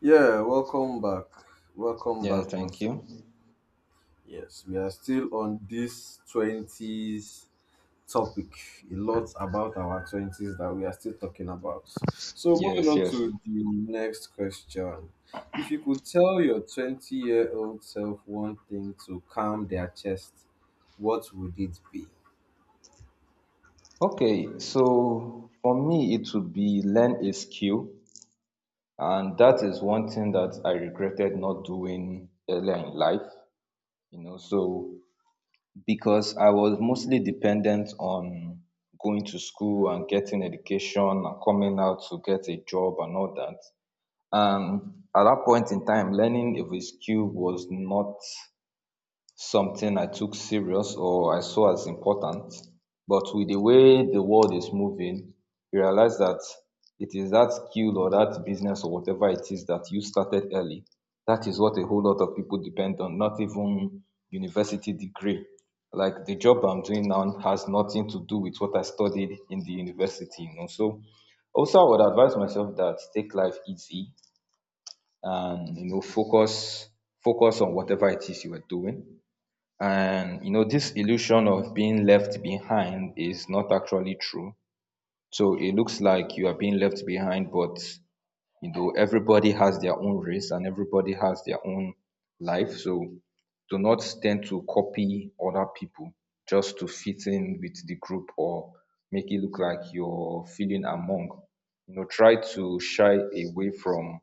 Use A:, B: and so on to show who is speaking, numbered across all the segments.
A: Yeah, welcome back. Welcome
B: Yeah,
A: back
B: thank
A: once
B: you.
A: again. Yes, we are still on this 20s topic. A lot about our 20s that we are still talking about. So, moving
B: Yes,
A: on
B: yes.
A: to the next question. If you could tell your 20-year-old self one thing to calm their chest, what would it be?
B: Okay, so for me, it would be learn a skill, and that is one thing that I regretted not doing earlier in life, you know, so because I was mostly dependent on going to school and getting education and coming out to get a job and all that. And at that point in time, learning a skill was not something I took serious or I saw as important. But with the way the world is moving, you realize that it is that skill or that business or whatever it is that you started early. That is what a whole lot of people depend on, not even university degree. Like the job I'm doing now has nothing to do with what I studied in the university, you know. So also I would advise myself that take life easy and you know focus on whatever it is you are doing, and you know, this illusion of being left behind is not actually true. So it looks like you are being left behind, but you know, everybody has their own race and everybody has their own life. So do not tend to copy other people just to fit in with the group or make it look like you're feeling among. You know, try to shy away from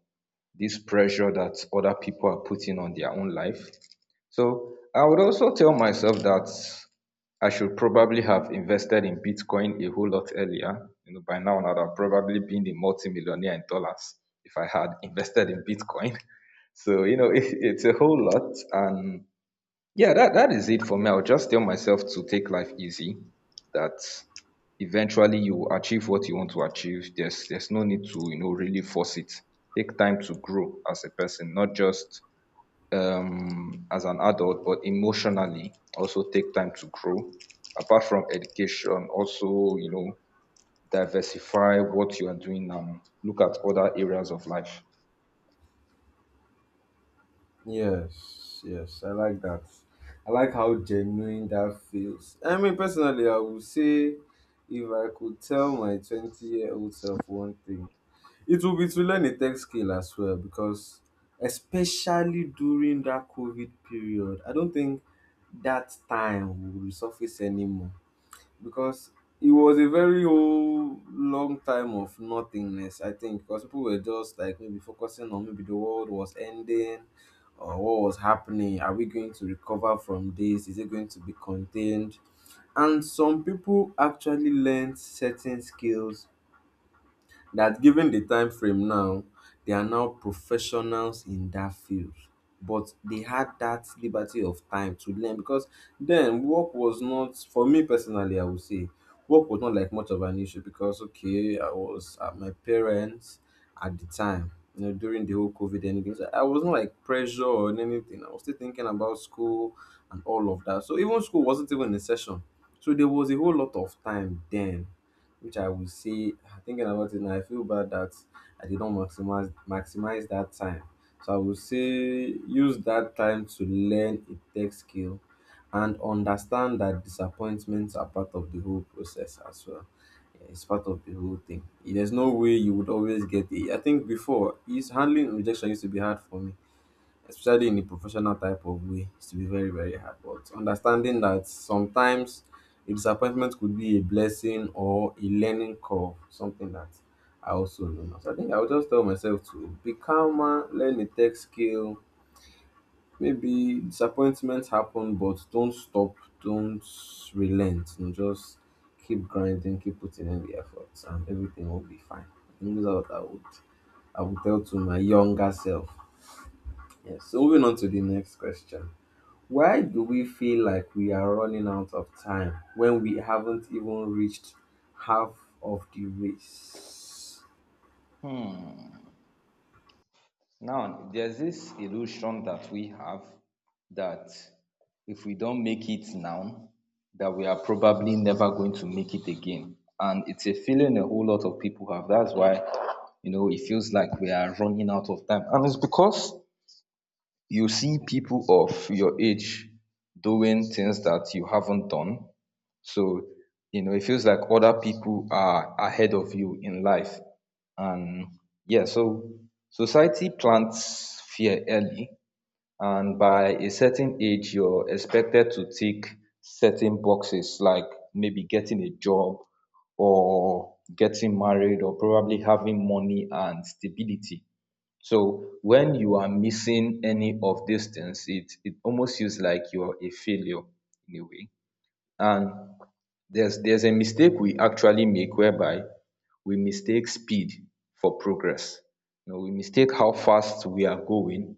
B: this pressure that other people are putting on their own life. So I would also tell myself that I should probably have invested in Bitcoin a whole lot earlier. You know, by now I'd have probably been a multimillionaire in dollars if I had invested in Bitcoin. So you know, it's a whole lot, and yeah, that is it for me. I'll just tell myself to take life easy. That eventually you will achieve what you want to achieve. There's no need to you know really force it. Take time to grow as a person, not just as an adult, but emotionally also take time to grow. Apart from education, also you know diversify what you are doing and look at other areas of life.
A: Yes, yes, I like that. I like how genuine that feels. I mean, personally, I would say if I could tell my 20-year-old self one thing, it would be to learn a tech skill as well, because especially during that COVID period, I don't think that time will resurface anymore, because it was a very whole long time of nothingness, I think, because people were just like maybe focusing on maybe the world was ending or what was happening. Are we going to recover from this? Is it going to be contained? And some people actually learned certain skills that, given the time frame now, they are now professionals in that field. But they had that liberty of time to learn, because then work was not, for me personally, I would say, work was not like much of an issue because, okay, I was at my parents' at the time, you know, during the whole COVID and things. I wasn't like pressure or anything. I was still thinking about school and all of that. So even school wasn't even in session. So there was a whole lot of time then which I will say, thinking about it now, I feel bad that I did not maximize that time. So I would say use that time to learn a tech skill and understand that disappointments are part of the whole process as well. Yeah, it's part of the whole thing. There's no way you would always get it. I think before, is handling rejection used to be hard for me, especially in a professional type of way, it's to be very, very hard. But understanding that sometimes a disappointment could be a blessing or a learning curve, something that I also know now. So I think I'll just tell myself to be calmer, learn a tech skill. Maybe disappointments happen, but don't stop, don't relent, and just keep grinding, keep putting in the efforts, and everything will be fine. I think those are what I would tell to my younger self. Yes. So moving on to the next question. Why do we feel like we are running out of time when we haven't even reached half of the race?
B: Now, there's this illusion that we have that if we don't make it now, that we are probably never going to make it again. And it's a feeling a whole lot of people have. That's why, you know, it feels like we are running out of time. And it's because you see people of your age doing things that you haven't done. So, you know, it feels like other people are ahead of you in life. And yeah, so society plants fear early, and by a certain age, you're expected to tick certain boxes, like maybe getting a job or getting married or probably having money and stability. So when you are missing any of these things, it almost feels like you're a failure in a way. And there's a mistake we actually make whereby we mistake speed for progress. You know, we mistake how fast we are going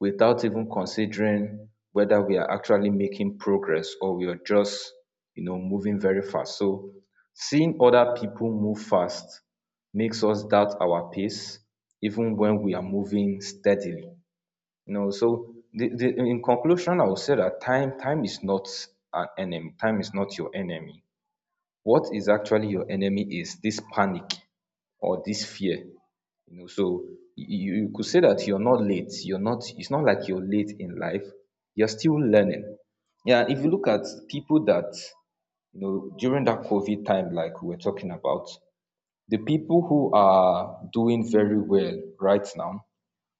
B: without even considering whether we are actually making progress or we are just, you know, moving very fast. So seeing other people move fast makes us doubt our pace even when we are moving steadily. You know, so in conclusion, I would say that time is not an enemy. Time is not your enemy. What is actually your enemy is this panic or this fear, you know. So you could say that you're not late. You're not, it's not like you're late in life. You're still learning. Yeah, if you look at people that, you know, during that COVID time like we're talking about, the people who are doing very well right now,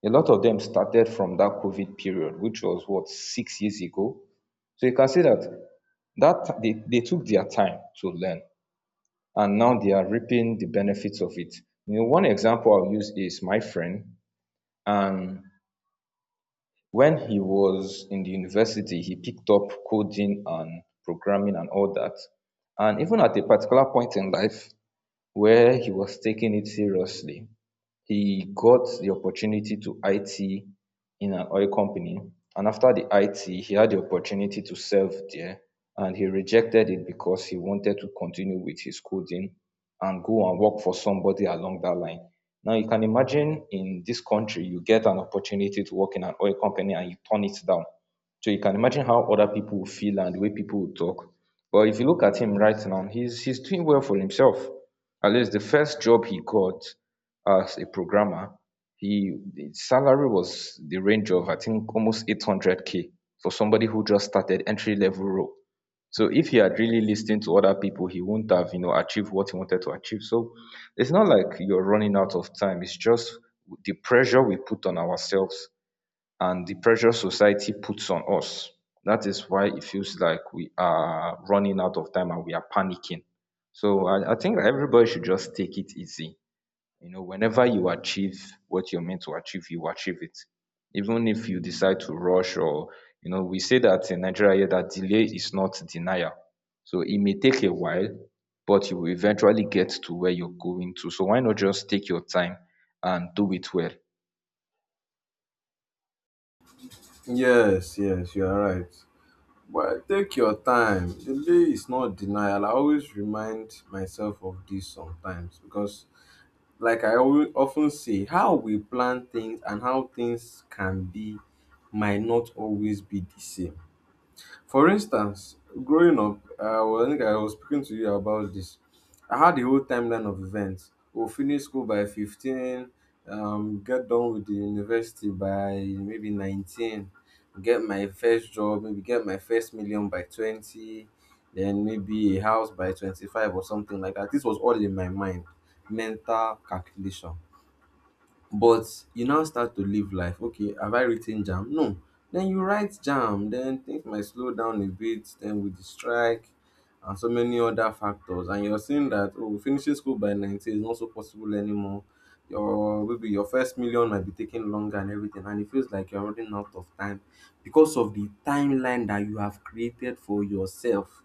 B: a lot of them started from that COVID period, which was what, 6 years ago. So you can say that they took their time to learn and now they are reaping the benefits of it. You know, one example I'll use is my friend. And when he was in the university, he picked up coding and programming and all that. And even at a particular point in life where he was taking it seriously, he got the opportunity to IT in an oil company, and after the IT he had the opportunity to serve there, and he rejected it because he wanted to continue with his coding and go and work for somebody along that line. Now you can imagine in this country you get an opportunity to work in an oil company and you turn it down. So you can imagine how other people will feel and the way people will talk. But if you look at him right now, he's doing well for himself. At least the first job he got, as a programmer, he his salary was the range of I think almost 800K for somebody who just started entry level role. So if he had really listened to other people, he wouldn't have you know achieved what he wanted to achieve. So it's not like you're running out of time. It's just the pressure we put on ourselves and the pressure society puts on us. That is why it feels like we are running out of time and we are panicking. So I think everybody should just take it easy, you know, whenever you achieve what you're meant to achieve, you achieve it. Even if you decide to rush or, you know, we say that in Nigeria here that delay is not denial. So it may take a while, but you will eventually get to where you're going to. So why not just take your time and do it well?
A: Yes, yes, you are right. But take your time. Delay is not denial. I always remind myself of this sometimes because, like I always often say, how we plan things and how things can be might not always be the same. For instance, growing up, well, I think I was speaking to you about this. I had the whole timeline of events. We'll finish school by 15, get done with the university by maybe 19, get my first job, maybe get my first million by 20, then maybe a house by 25 or something like that. This was all in my mind, mental calculation. But you now start to live life. Okay, have I written jam? No. Then you write jam, then things might slow down a bit, then with the strike and so many other factors. And you're seeing that, oh, finishing school by 90 is not so possible anymore. Your maybe your first million might be taking longer and everything, and it feels like you're running out of time because of the timeline that you have created for yourself.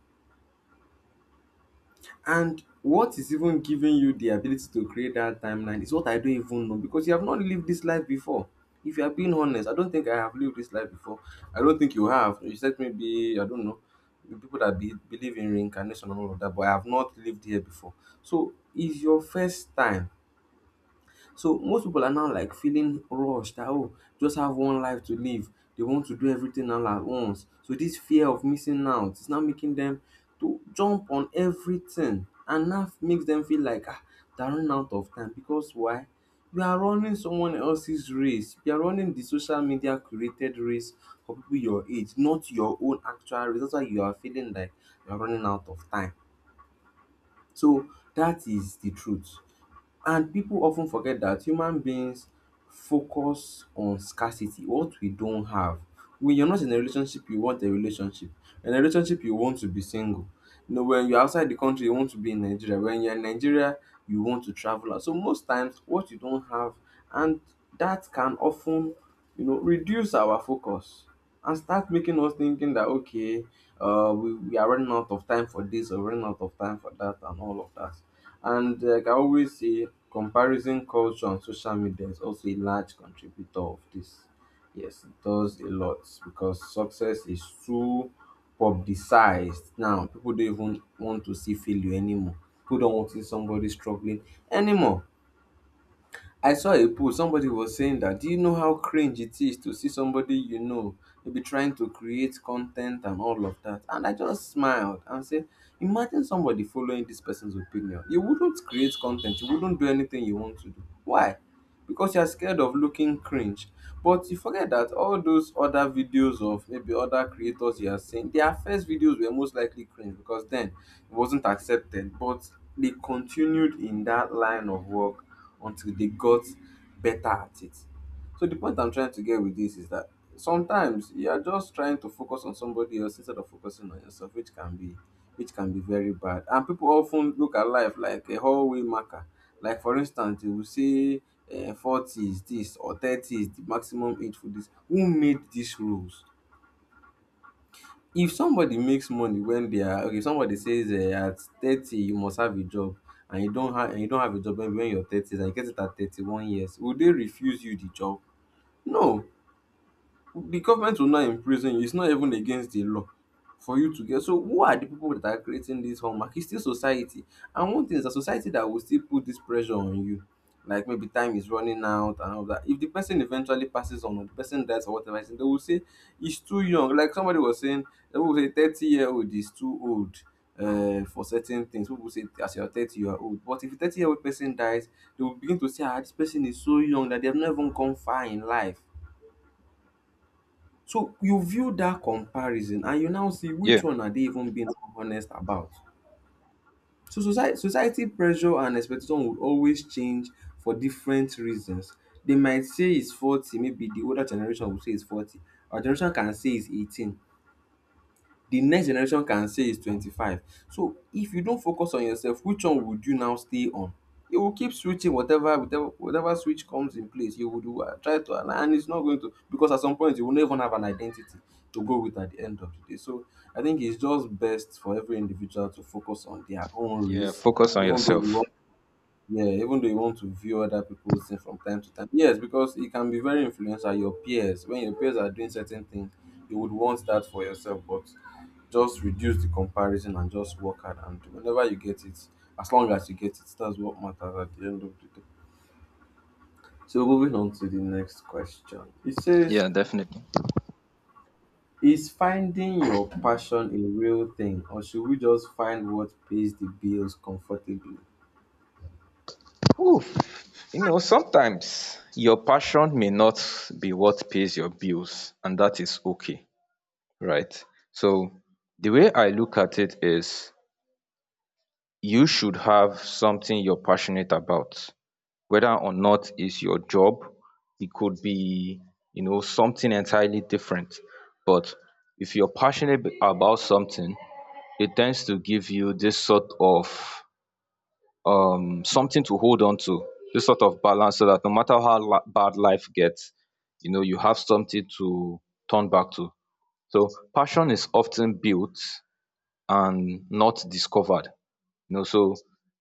A: And what is even giving you the ability to create that timeline is what I don't even know, because you have not lived this life before. If you are being honest, I don't think I have lived this life before. I don't think you have. You said maybe, I don't know, the people that believe in reincarnation and all of that, but I have not lived here before. So it's your first time. So most people are now like feeling rushed that, oh, just have one life to live. They want to do everything all at once. So this fear of missing out is now making them to jump on everything, and that makes them feel like, ah, they're running out of time because why? You are running someone else's race. You are running the social media created race for people your age, not your own actual race. That's why you are feeling like you are running out of time. So that is the truth. And people often forget that human beings focus on scarcity, what we don't have. When you're not in a relationship, you want a relationship. In a relationship, you want to be single. You know, when you're outside the country, you want to be in Nigeria. When you're in Nigeria, you want to travel out. So most times, what you don't have, and that can often, you know, reduce our focus and start making us thinking that, okay, we are running out of time for this or running out of time for that and all of that, and like I always say, comparison culture on social media is also a large contributor of this. Yes, it does a lot, because success is too publicized now. People don't even want to see failure anymore. People don't want to see somebody struggling anymore. I saw a post, somebody was saying that, do you know how cringe it is to see somebody, you know, maybe trying to create content and all of that? And I just smiled and said, imagine somebody following this person's opinion. You wouldn't create content, you wouldn't do anything you want to do. Why? Because you're scared of looking cringe. But you forget that all those other videos of maybe other creators you are seeing, their first videos were most likely cringe because then it wasn't accepted. But they continued in that line of work until they got better at it. So the point I'm trying to get with this is that sometimes you are just trying to focus on somebody else instead of focusing on yourself, which can be very bad. And people often look at life like a hallway marker. Like for instance, you will say, 40 is this or 30 is the maximum age for this. Who made these rules? If somebody makes money when they are okay, if somebody says, at 30 you must have a job and you don't have a job maybe when you're 30 and you get it at 31 years, will they refuse you the job? No, the government will not imprison you. It's not even against the law for you to get. So who are the people that are creating this hallmark? It's still society. And one thing is that society that will still put this pressure on you. Like maybe time is running out and all that. If the person eventually passes on or the person dies or whatever, they will say he's too young. Like somebody was saying, people will say 30-year-old is too old, for certain things. People say as you're 30, you are old. But if a 30-year-old person dies, they will begin to say, ah, this person is so young that they have not even come far in life. So you view that comparison and you now see which
B: Yeah,
A: one are they even being honest about. So society pressure and expectation would always change for different reasons. They might say it's 40, maybe the older generation will say it's 40. Our generation can say it's 18, the next generation can say is 25. So if you don't focus on yourself, which one would you now stay on? You will keep switching whatever whatever switch comes in place, you would try to align, and it's not going to, because at some point you will not even have an identity to go with at the end of the day. So I think it's just best for every individual to focus on their own
B: yeah,
A: race,
B: focus on
A: even though you,
B: yourself.
A: yeah, even though you want to view other people's things from time to time. Yes, because it can be very influential. Your peers, when your peers are doing certain things, you would want that for yourself, but just reduce the comparison and just work hard and do- whenever you get it, as long as you get it, that's what matters at the end of the day. So moving on to the next question. It says,
B: Yeah, definitely.
A: is finding your passion a real thing or should we just find what pays the bills comfortably?
B: Whew. You know, sometimes your passion may not be what pays your bills, and that is okay. Right. So the way I look at it is you should have something you're passionate about, whether or not it's your job. It could be, you know, something entirely different. But if you're passionate about something, it tends to give you this sort of something to hold on to, this sort of balance so that no matter how bad life gets, you know, you have something to turn back to. So passion is often built and not discovered. You know, so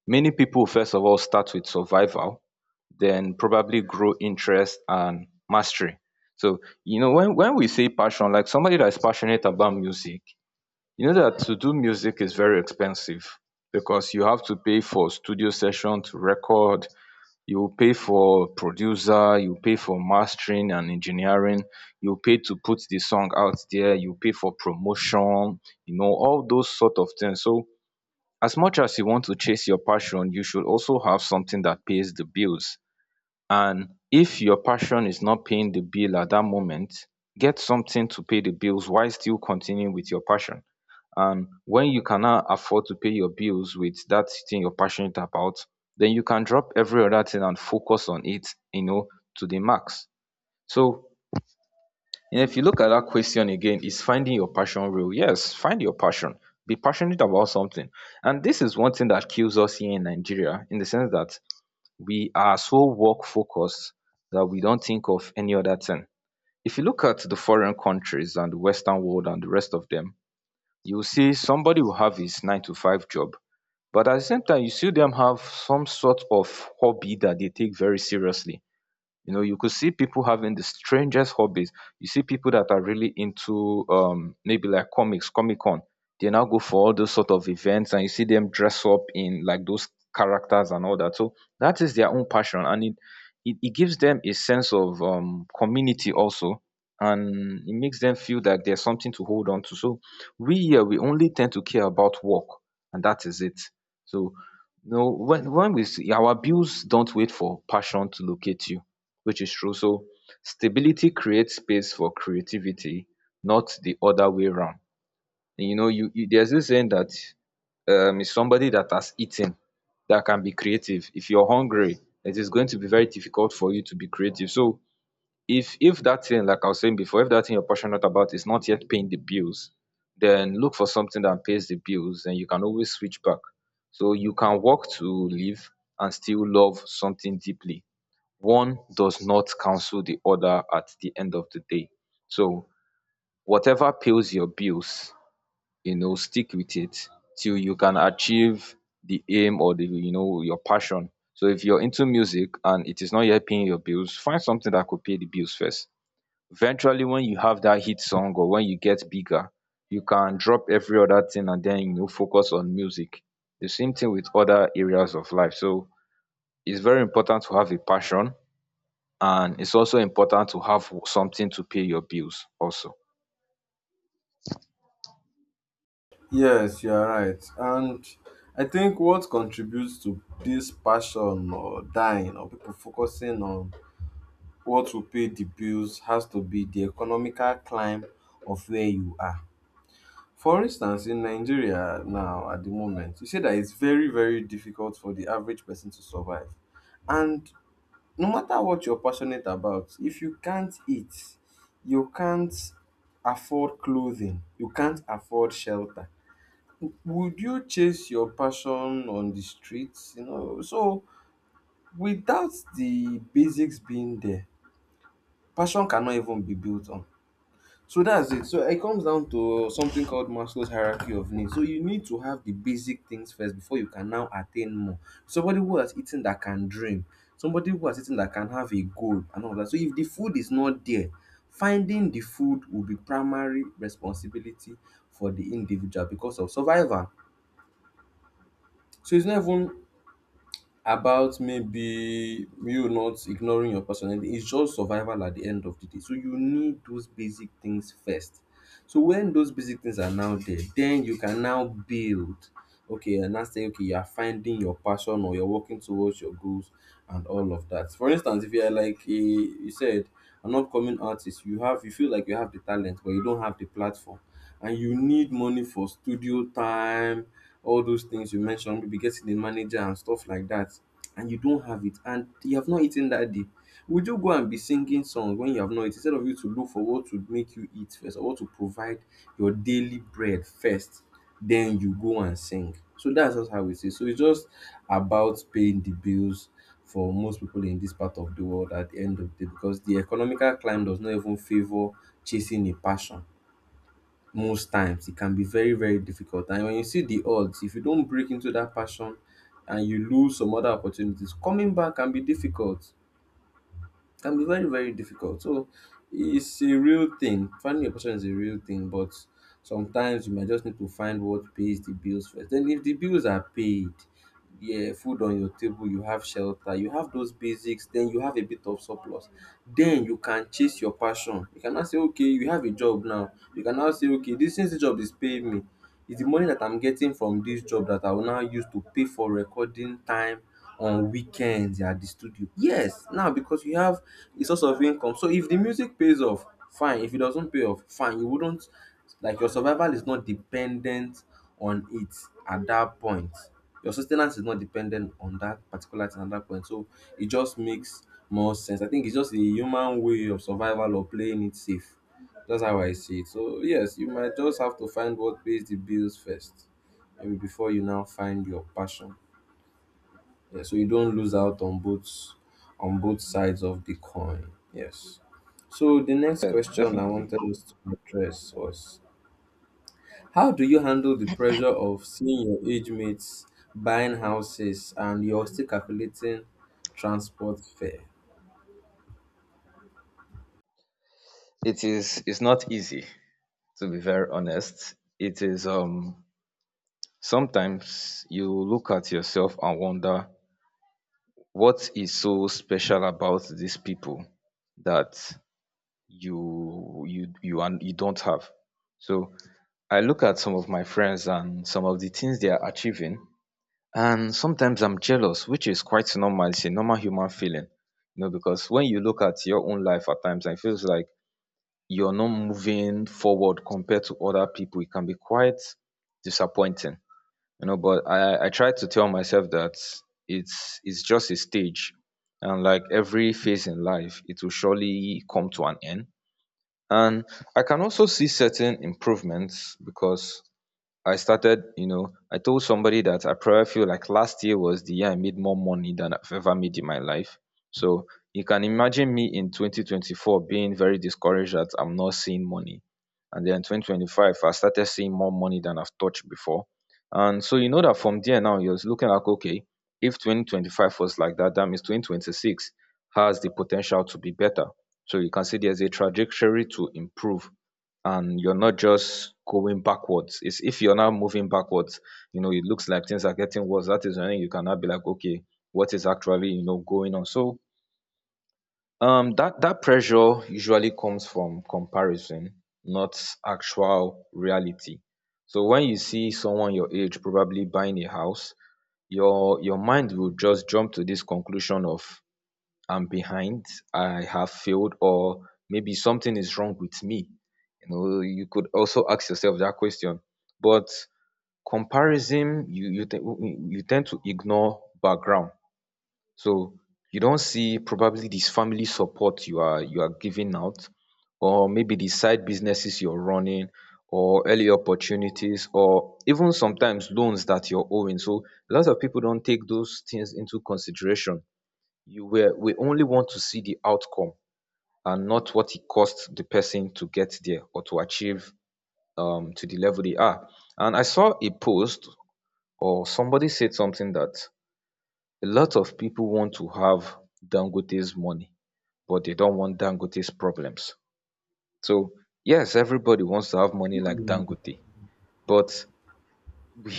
B: many people first of all start with survival, then probably grow interest and mastery. So, you know, when we say passion, like somebody that is passionate about music, you know that to do music is very expensive because you have to pay for studio session to record, you pay for producer, you pay for mastering and engineering, you pay to put the song out there, you pay for promotion, you know, all those sort of things. So as much as you want to chase your passion, you should also have something that pays the bills. And if your passion is not paying the bill at that moment, get something to pay the bills while still continuing with your passion. And when you cannot afford to pay your bills with that thing you're passionate about, then you can drop every other thing and focus on it, you know, to the max. So, and if you look at that question again, is finding your passion real? Yes, find your passion. Be passionate about something. And this is one thing that kills us here in Nigeria, in the sense that we are so work focused that we don't think of any other thing. If you look at the foreign countries and the Western world and the rest of them, you see somebody will have his nine to five job. But at the same time, you see them have some sort of hobby that they take very seriously. You know, you could see people having the strangest hobbies. You see people that are really into maybe like comics, Comic Con. They now go for all those sort of events and you see them dress up in like those characters and all that. So that is their own passion and it gives them a sense of community also, and it makes them feel that there's something to hold on to. So we here we only tend to care about work and that is it. So no, when we see our bills, don't wait for passion to locate you, which is true. So stability creates space for creativity, not the other way round. And you know, you there's this saying that is somebody that has eaten that can be creative. If you're hungry, it is going to be very difficult for you to be creative. So if that thing, like I was saying before, if that thing you're passionate about is not yet paying the bills, then look for something that pays the bills and you can always switch back. So you can work to live and still love something deeply. One does not cancel the other at the end of the day. So whatever pays your bills, stick with it till you can achieve the aim or the your passion. So if you're into music and it is not yet paying your bills, find something that could pay the bills first. Eventually, when you have that hit song or when you get bigger, you can drop every other thing and then focus on music. The same thing with other areas of life. So it's very important to have a passion, and it's also important to have something to pay your bills also.
A: Yes, you are right. And I think what contributes to this passion or dying or people focusing on what will pay the bills has to be the economical climb of where you are. For instance, in Nigeria now at the moment, you say that it's very, very difficult for the average person to survive. And no matter what you're passionate about, if you can't eat, you can't afford clothing, you can't afford shelter, would you chase your passion on the streets? You know, so without the basics being there, passion cannot even be built on. So that's it. So it comes down to something called Maslow's hierarchy of needs. So you need to have the basic things first before you can now attain more. Somebody who has eaten that can dream, somebody who has eaten that can have a goal and all that. So if the food is not there, finding the food will be primary responsibility for the individual because of survival. So it's not even about maybe you not ignoring your personality. It's just survival at the end of the day. So you need those basic things first. So when those basic things are now there, then you can now build. Okay, and now say okay, you are finding your passion or you're working towards your goals and all of that. For instance, if you are like a, you said an upcoming artist, you have you feel like you have the talent, but you don't have the platform and you need money for studio time, all those things you mentioned, maybe getting a manager and stuff like that, and you don't have it, and you have not eaten that day, would you go and be singing songs when you have not eaten instead of you to look for what would make you eat first or what to provide your daily bread first, then you go and sing? So that's just how it is. So it's just about paying the bills for most people in this part of the world at the end of the day because the economical climb does not even favor chasing a passion. Most times it can be very, very difficult, and when you see the odds, if you don't break into that passion and you lose some other opportunities, coming back can be difficult, can be very, very difficult. So it's a real thing, finding a person is a real thing, but sometimes you might just need to find what pays the bills first. Then if the bills are paid, yeah, food on your table, you have shelter, you have those basics, then you have a bit of surplus, then you can chase your passion. You cannot say okay you have a job now. You cannot say okay, this, since the job is paying me, it's the money that I'm getting from this job that I will now use to pay for recording time on weekends at the studio. Yes, now because you have a source of income. So if the music pays off, fine. If it doesn't pay off, fine. You wouldn't, like, your survival is not dependent on it at that point. Your sustenance is not dependent on that particular thing at that point. So it just makes more sense. I think it's just a human way of survival or playing it safe. That's how I see it. So yes, you might just have to find what pays the bills first, maybe before you now find your passion. Yeah, so you don't lose out on both, on both sides of the coin. Yes. So the next
B: Yeah,
A: question I
B: definitely.
A: wanted us to address was how do you handle the pressure of seeing your age mates buying houses and you're still calculating transport fare?
B: It's not easy, to be very honest. It is Sometimes you look at yourself and wonder what is so special about these people that you and you don't have. So I look at some of my friends and some of the things they are achieving. And sometimes I'm jealous, which is quite normal. It's a normal human feeling, you know, because when you look at your own life at times, and it feels like you're not moving forward compared to other people. It can be quite disappointing, you know. But I try to tell myself that it's just a stage, and like every phase in life, it will surely come to an end. And I can also see certain improvements, because I started, you know, I told somebody that I probably feel like last year was the year I made more money than I've ever made in my life. So you can imagine me in 2024 being very discouraged that I'm not seeing money. And then 2025, I started seeing more money than I've touched before. And so you know that from there now, you're looking like, okay, if 2025 was like that, that means 2026 has the potential to be better. So you can see there's a trajectory to improve and you're not just going backwards. It's if you're now moving backwards, you know, it looks like things are getting worse. That is when you cannot be like, okay, what is actually, you know, going on? So that pressure usually comes from comparison, not actual reality. So when you see someone your age probably buying a house, your mind will just jump to this conclusion of I'm behind, I have failed, or maybe something is wrong with me. You know, you could also ask yourself that question. But comparison, you tend to ignore background. So you don't see probably this family support you are giving out, or maybe the side businesses you're running, or early opportunities, or even sometimes loans that you're owing. So a lot of people don't take those things into consideration. You were, we only want to see the outcome and not what it cost the person to get there or to achieve to the level they are. And I saw a post, or somebody said something, that a lot of people want to have Dangote's money, but they don't want Dangote's problems. So yes, everybody wants to have money like
A: Mm.
B: Dangote, but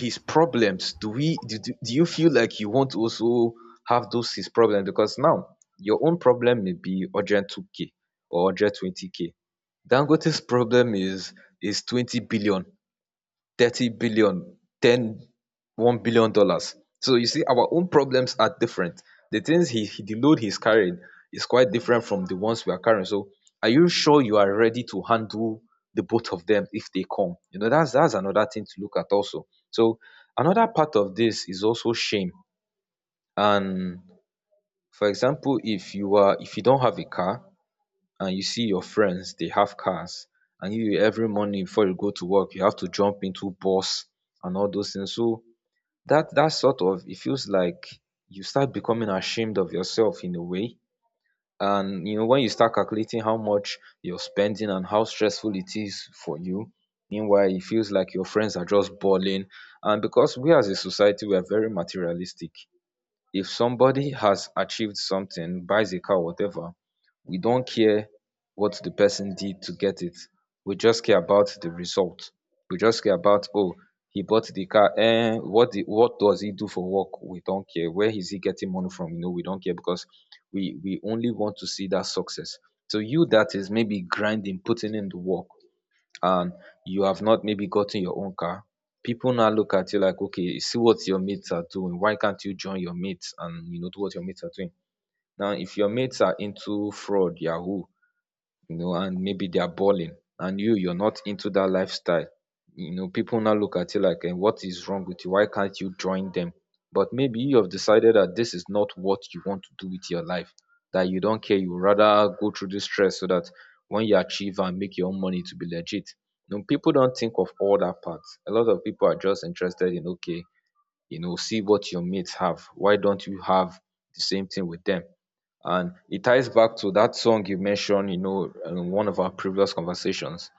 B: his problems, do we do, do do you feel like you want to also have those his problems? Because now your own problem may be urgent 2k or 120 20k. Dangote's problem is 20 billion, thirty billion, ten, $1 billion. So you see, our own problems are different. The things he, the load he's carrying is quite different from the ones we are carrying. So are you sure you are ready to handle the both of them if they come? You know, that's another thing to look at also. So another part of this is also shame. And for example, if you are if you don't have a car and you see your friends, they have cars, and you every morning before you go to work you have to jump into bus and all those things. So that sort of, it feels like you start becoming ashamed of yourself in a way, and you know, when you start calculating how much you're spending and how stressful it is for you. Meanwhile it feels like your friends are just balling. And because we as a society we are very materialistic, if somebody has achieved something, buys a car, whatever, we don't care what the person did to get it. We just care about the result. We just care about, oh, he bought the car. And what the, what does he do for work? We don't care. Where is he getting money from? You know, we don't care, because we only want to see that success. So you that is maybe grinding, putting in the work, and you have not maybe gotten your own car, people now look at you like, okay, see what your mates are doing. Why can't you join your mates and do what your mates are doing? Now, if your mates are into fraud, yahoo, you know, and maybe they are balling and you're not into that lifestyle. You know, people now look at you like, and what is wrong with you? Why can't you join them? But maybe you have decided that this is not what you want to do with your life, that you don't care. You would rather go through this stress so that when you achieve and make your own money to be legit. You know, people don't think of all that part. A lot of people are just interested in, okay, you know, see what your mates have. Why don't you have the same thing with them? And it ties back to that song you mentioned, you know, in one of our previous conversations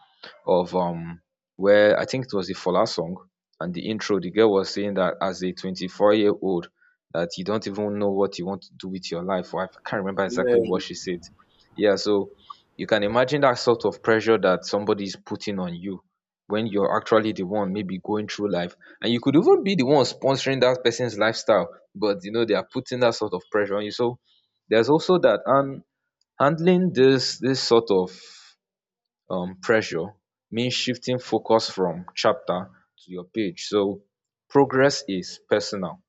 B: of where I think it was the Fola song, and the intro, the girl was saying that as a 24-year-old, that you don't even know what you want to do with your life. Or I can't remember
A: Yeah,
B: exactly what she said. Yeah, so you can imagine that sort of pressure that somebody is putting on you when you're actually the one maybe going through life. And you could even be the one sponsoring that person's lifestyle, but you know, they are putting that sort of pressure on you. So there's also that. And handling this sort of pressure means shifting focus from chapter to your page. So progress is personal,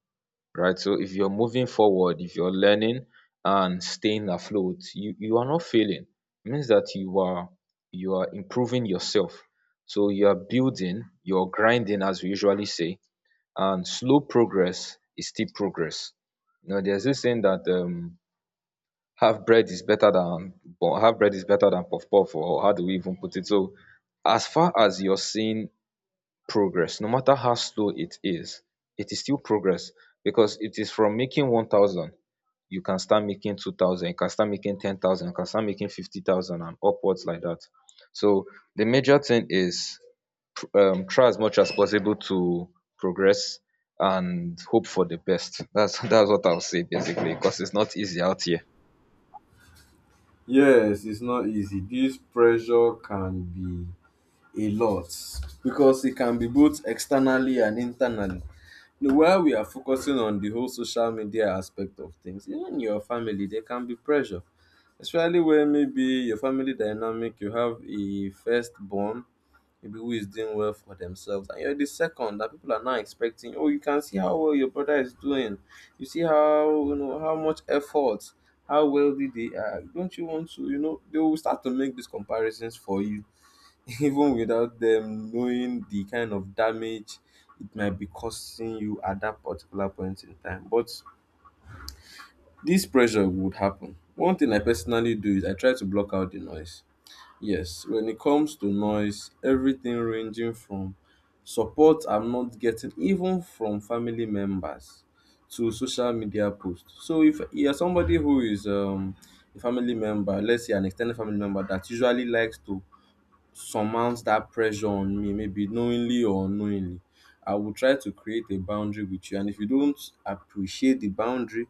B: right? So if you're moving forward, if you're learning and staying afloat, you are not failing. It means that you are improving yourself. So you are building, you're grinding, as we usually say, and slow progress is still progress. You know, there's this saying that half bread is better than half bread is better than puff puff, or how do we even put it. So as far as you're seeing progress, no matter how slow it is, it is still progress. Because it is from making 1,000, you can start making 2,000, you can start making 10,000, you can start making 50,000 and upwards like that. So the major thing is, try as much as possible to progress and hope for the best. That's that's what I'll say basically, because it's not easy out here.
A: yes, it's not easy. This pressure can be a lot because it can be both externally and internally. Now, while we are focusing on the whole social media aspect of things, even your family, there can be pressure, especially when maybe your family dynamic, you have a firstborn, maybe who is doing well for themselves, and you're the second that people are now expecting. Oh, you can see how well your brother is doing. You see how, you know, how much effort, how wealthy they are. Don't you want to? You know, they will start to make these comparisons for you even without them knowing the kind of damage it might be causing you at that particular point in time. But this pressure would happen. One thing I personally do is I try to block out the noise. Yes, when it comes to noise, everything ranging from support I'm not getting, even from family members, to social media posts. So if you're somebody who is a family member, let's say an extended family member that usually likes to surmount that pressure on me, maybe knowingly or unknowingly, I will try to create a boundary with you. And if you don't appreciate the boundary,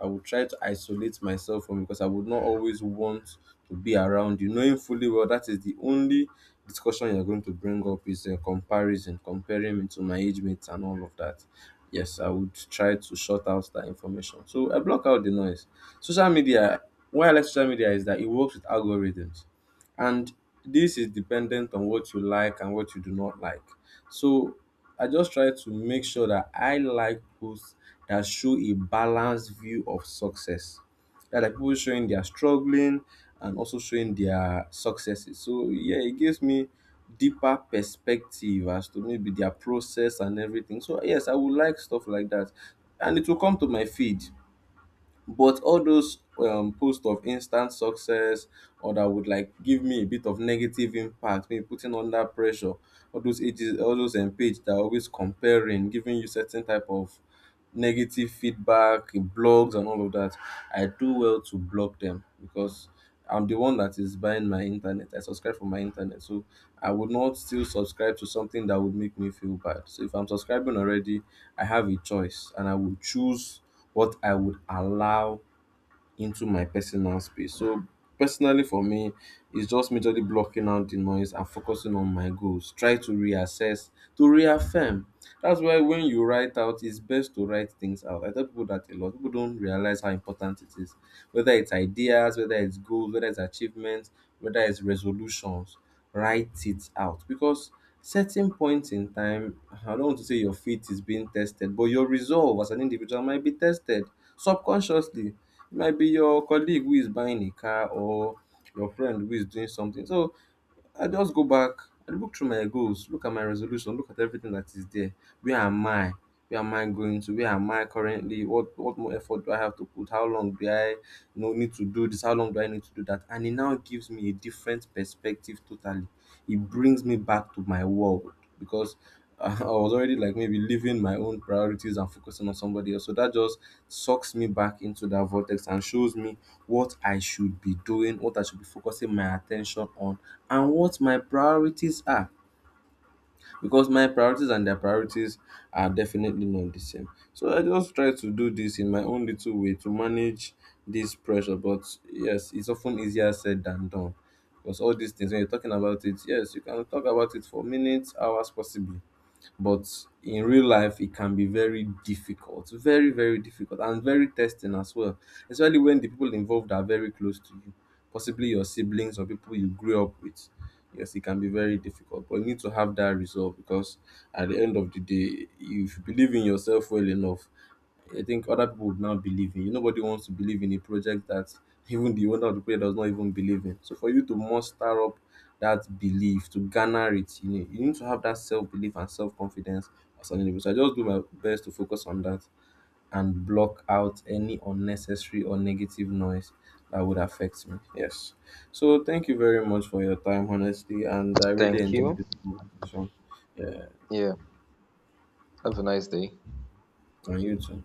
A: I will try to isolate myself from you because I would not always want to be around you, knowing fully well that is the only discussion you're going to bring up is a comparison, comparing me to my age mates and all of that. Yes, I would try to shut out that information. So I block out the noise. Social media, why I like social media is that it works with algorithms, and this is dependent on what you like and what you do not like. So I just try to make sure that I like posts that show a balanced view of success, that are people showing their struggling and also showing their successes. So yeah, it gives me deeper perspective as to maybe their process and everything. So yes, I would like stuff like that and it will come to my feed. But all those posts of instant success or that would like give me a bit of negative impact, maybe putting under pressure, all those ages, all those page that are always comparing, giving you certain type of negative feedback, blogs, and all of that, I do well to block them because I'm the one that is buying my internet. I subscribe for my internet. So I would not still subscribe to something that would make me feel bad. So if I'm subscribing already, I have a choice and I will choose what I would allow into my personal space. So personally for me, it's just majorly blocking out the noise and focusing on my goals. Try to reassess, to reaffirm. That's why when you write out, it's best to write things out. I tell people that a lot. People don't realize how important it is. Whether it's ideas, whether it's goals, whether it's achievements, whether it's resolutions, write it out. Because certain points in time, I don't want to say your faith is being tested, but your resolve as an individual might be tested subconsciously. It might be your colleague who is buying a car or your friend who is doing something. So I just go back, I look through my goals, look at my resolution, look at everything that is there. Where am I? Where am I going to? Where am I currently? What more effort do I have to put? How long do I, you know, need to do this? How long do I need to do that? And it now gives me a different perspective totally. It brings me back to my world because I was already like maybe leaving my own priorities and focusing on somebody else. So that just sucks me back into that vortex and shows me what I should be doing, what I should be focusing my attention on, and what my priorities are because my priorities and their priorities are definitely not the same. So I just try to do this in my own little way to manage this pressure. But yes, it's often easier said than done. Because all these things, when you're talking about it, yes, you can talk about it for minutes, hours, possibly, but in real life it can be very difficult, very, very difficult and very testing as well, especially when the people involved are very close to you, possibly your siblings or people you grew up with. Yes, it can be very difficult but you need to have that resolve because at the end of the day if you believe in yourself well enough, I think other people would now believe in you. Nobody wants to believe in a project that even the owner of the project does not even believe in. So for you to muster up that belief, to garner it, you need to have that self belief and self confidence as an individual. So I just do my best to focus on that and block out any unnecessary or negative noise that would affect me. Yes. So thank you very much for your time, honestly, and I really
B: Thank
A: enjoyed
B: you.
A: this conversation. Yeah,
B: Yeah. Have a nice day.
A: and you too.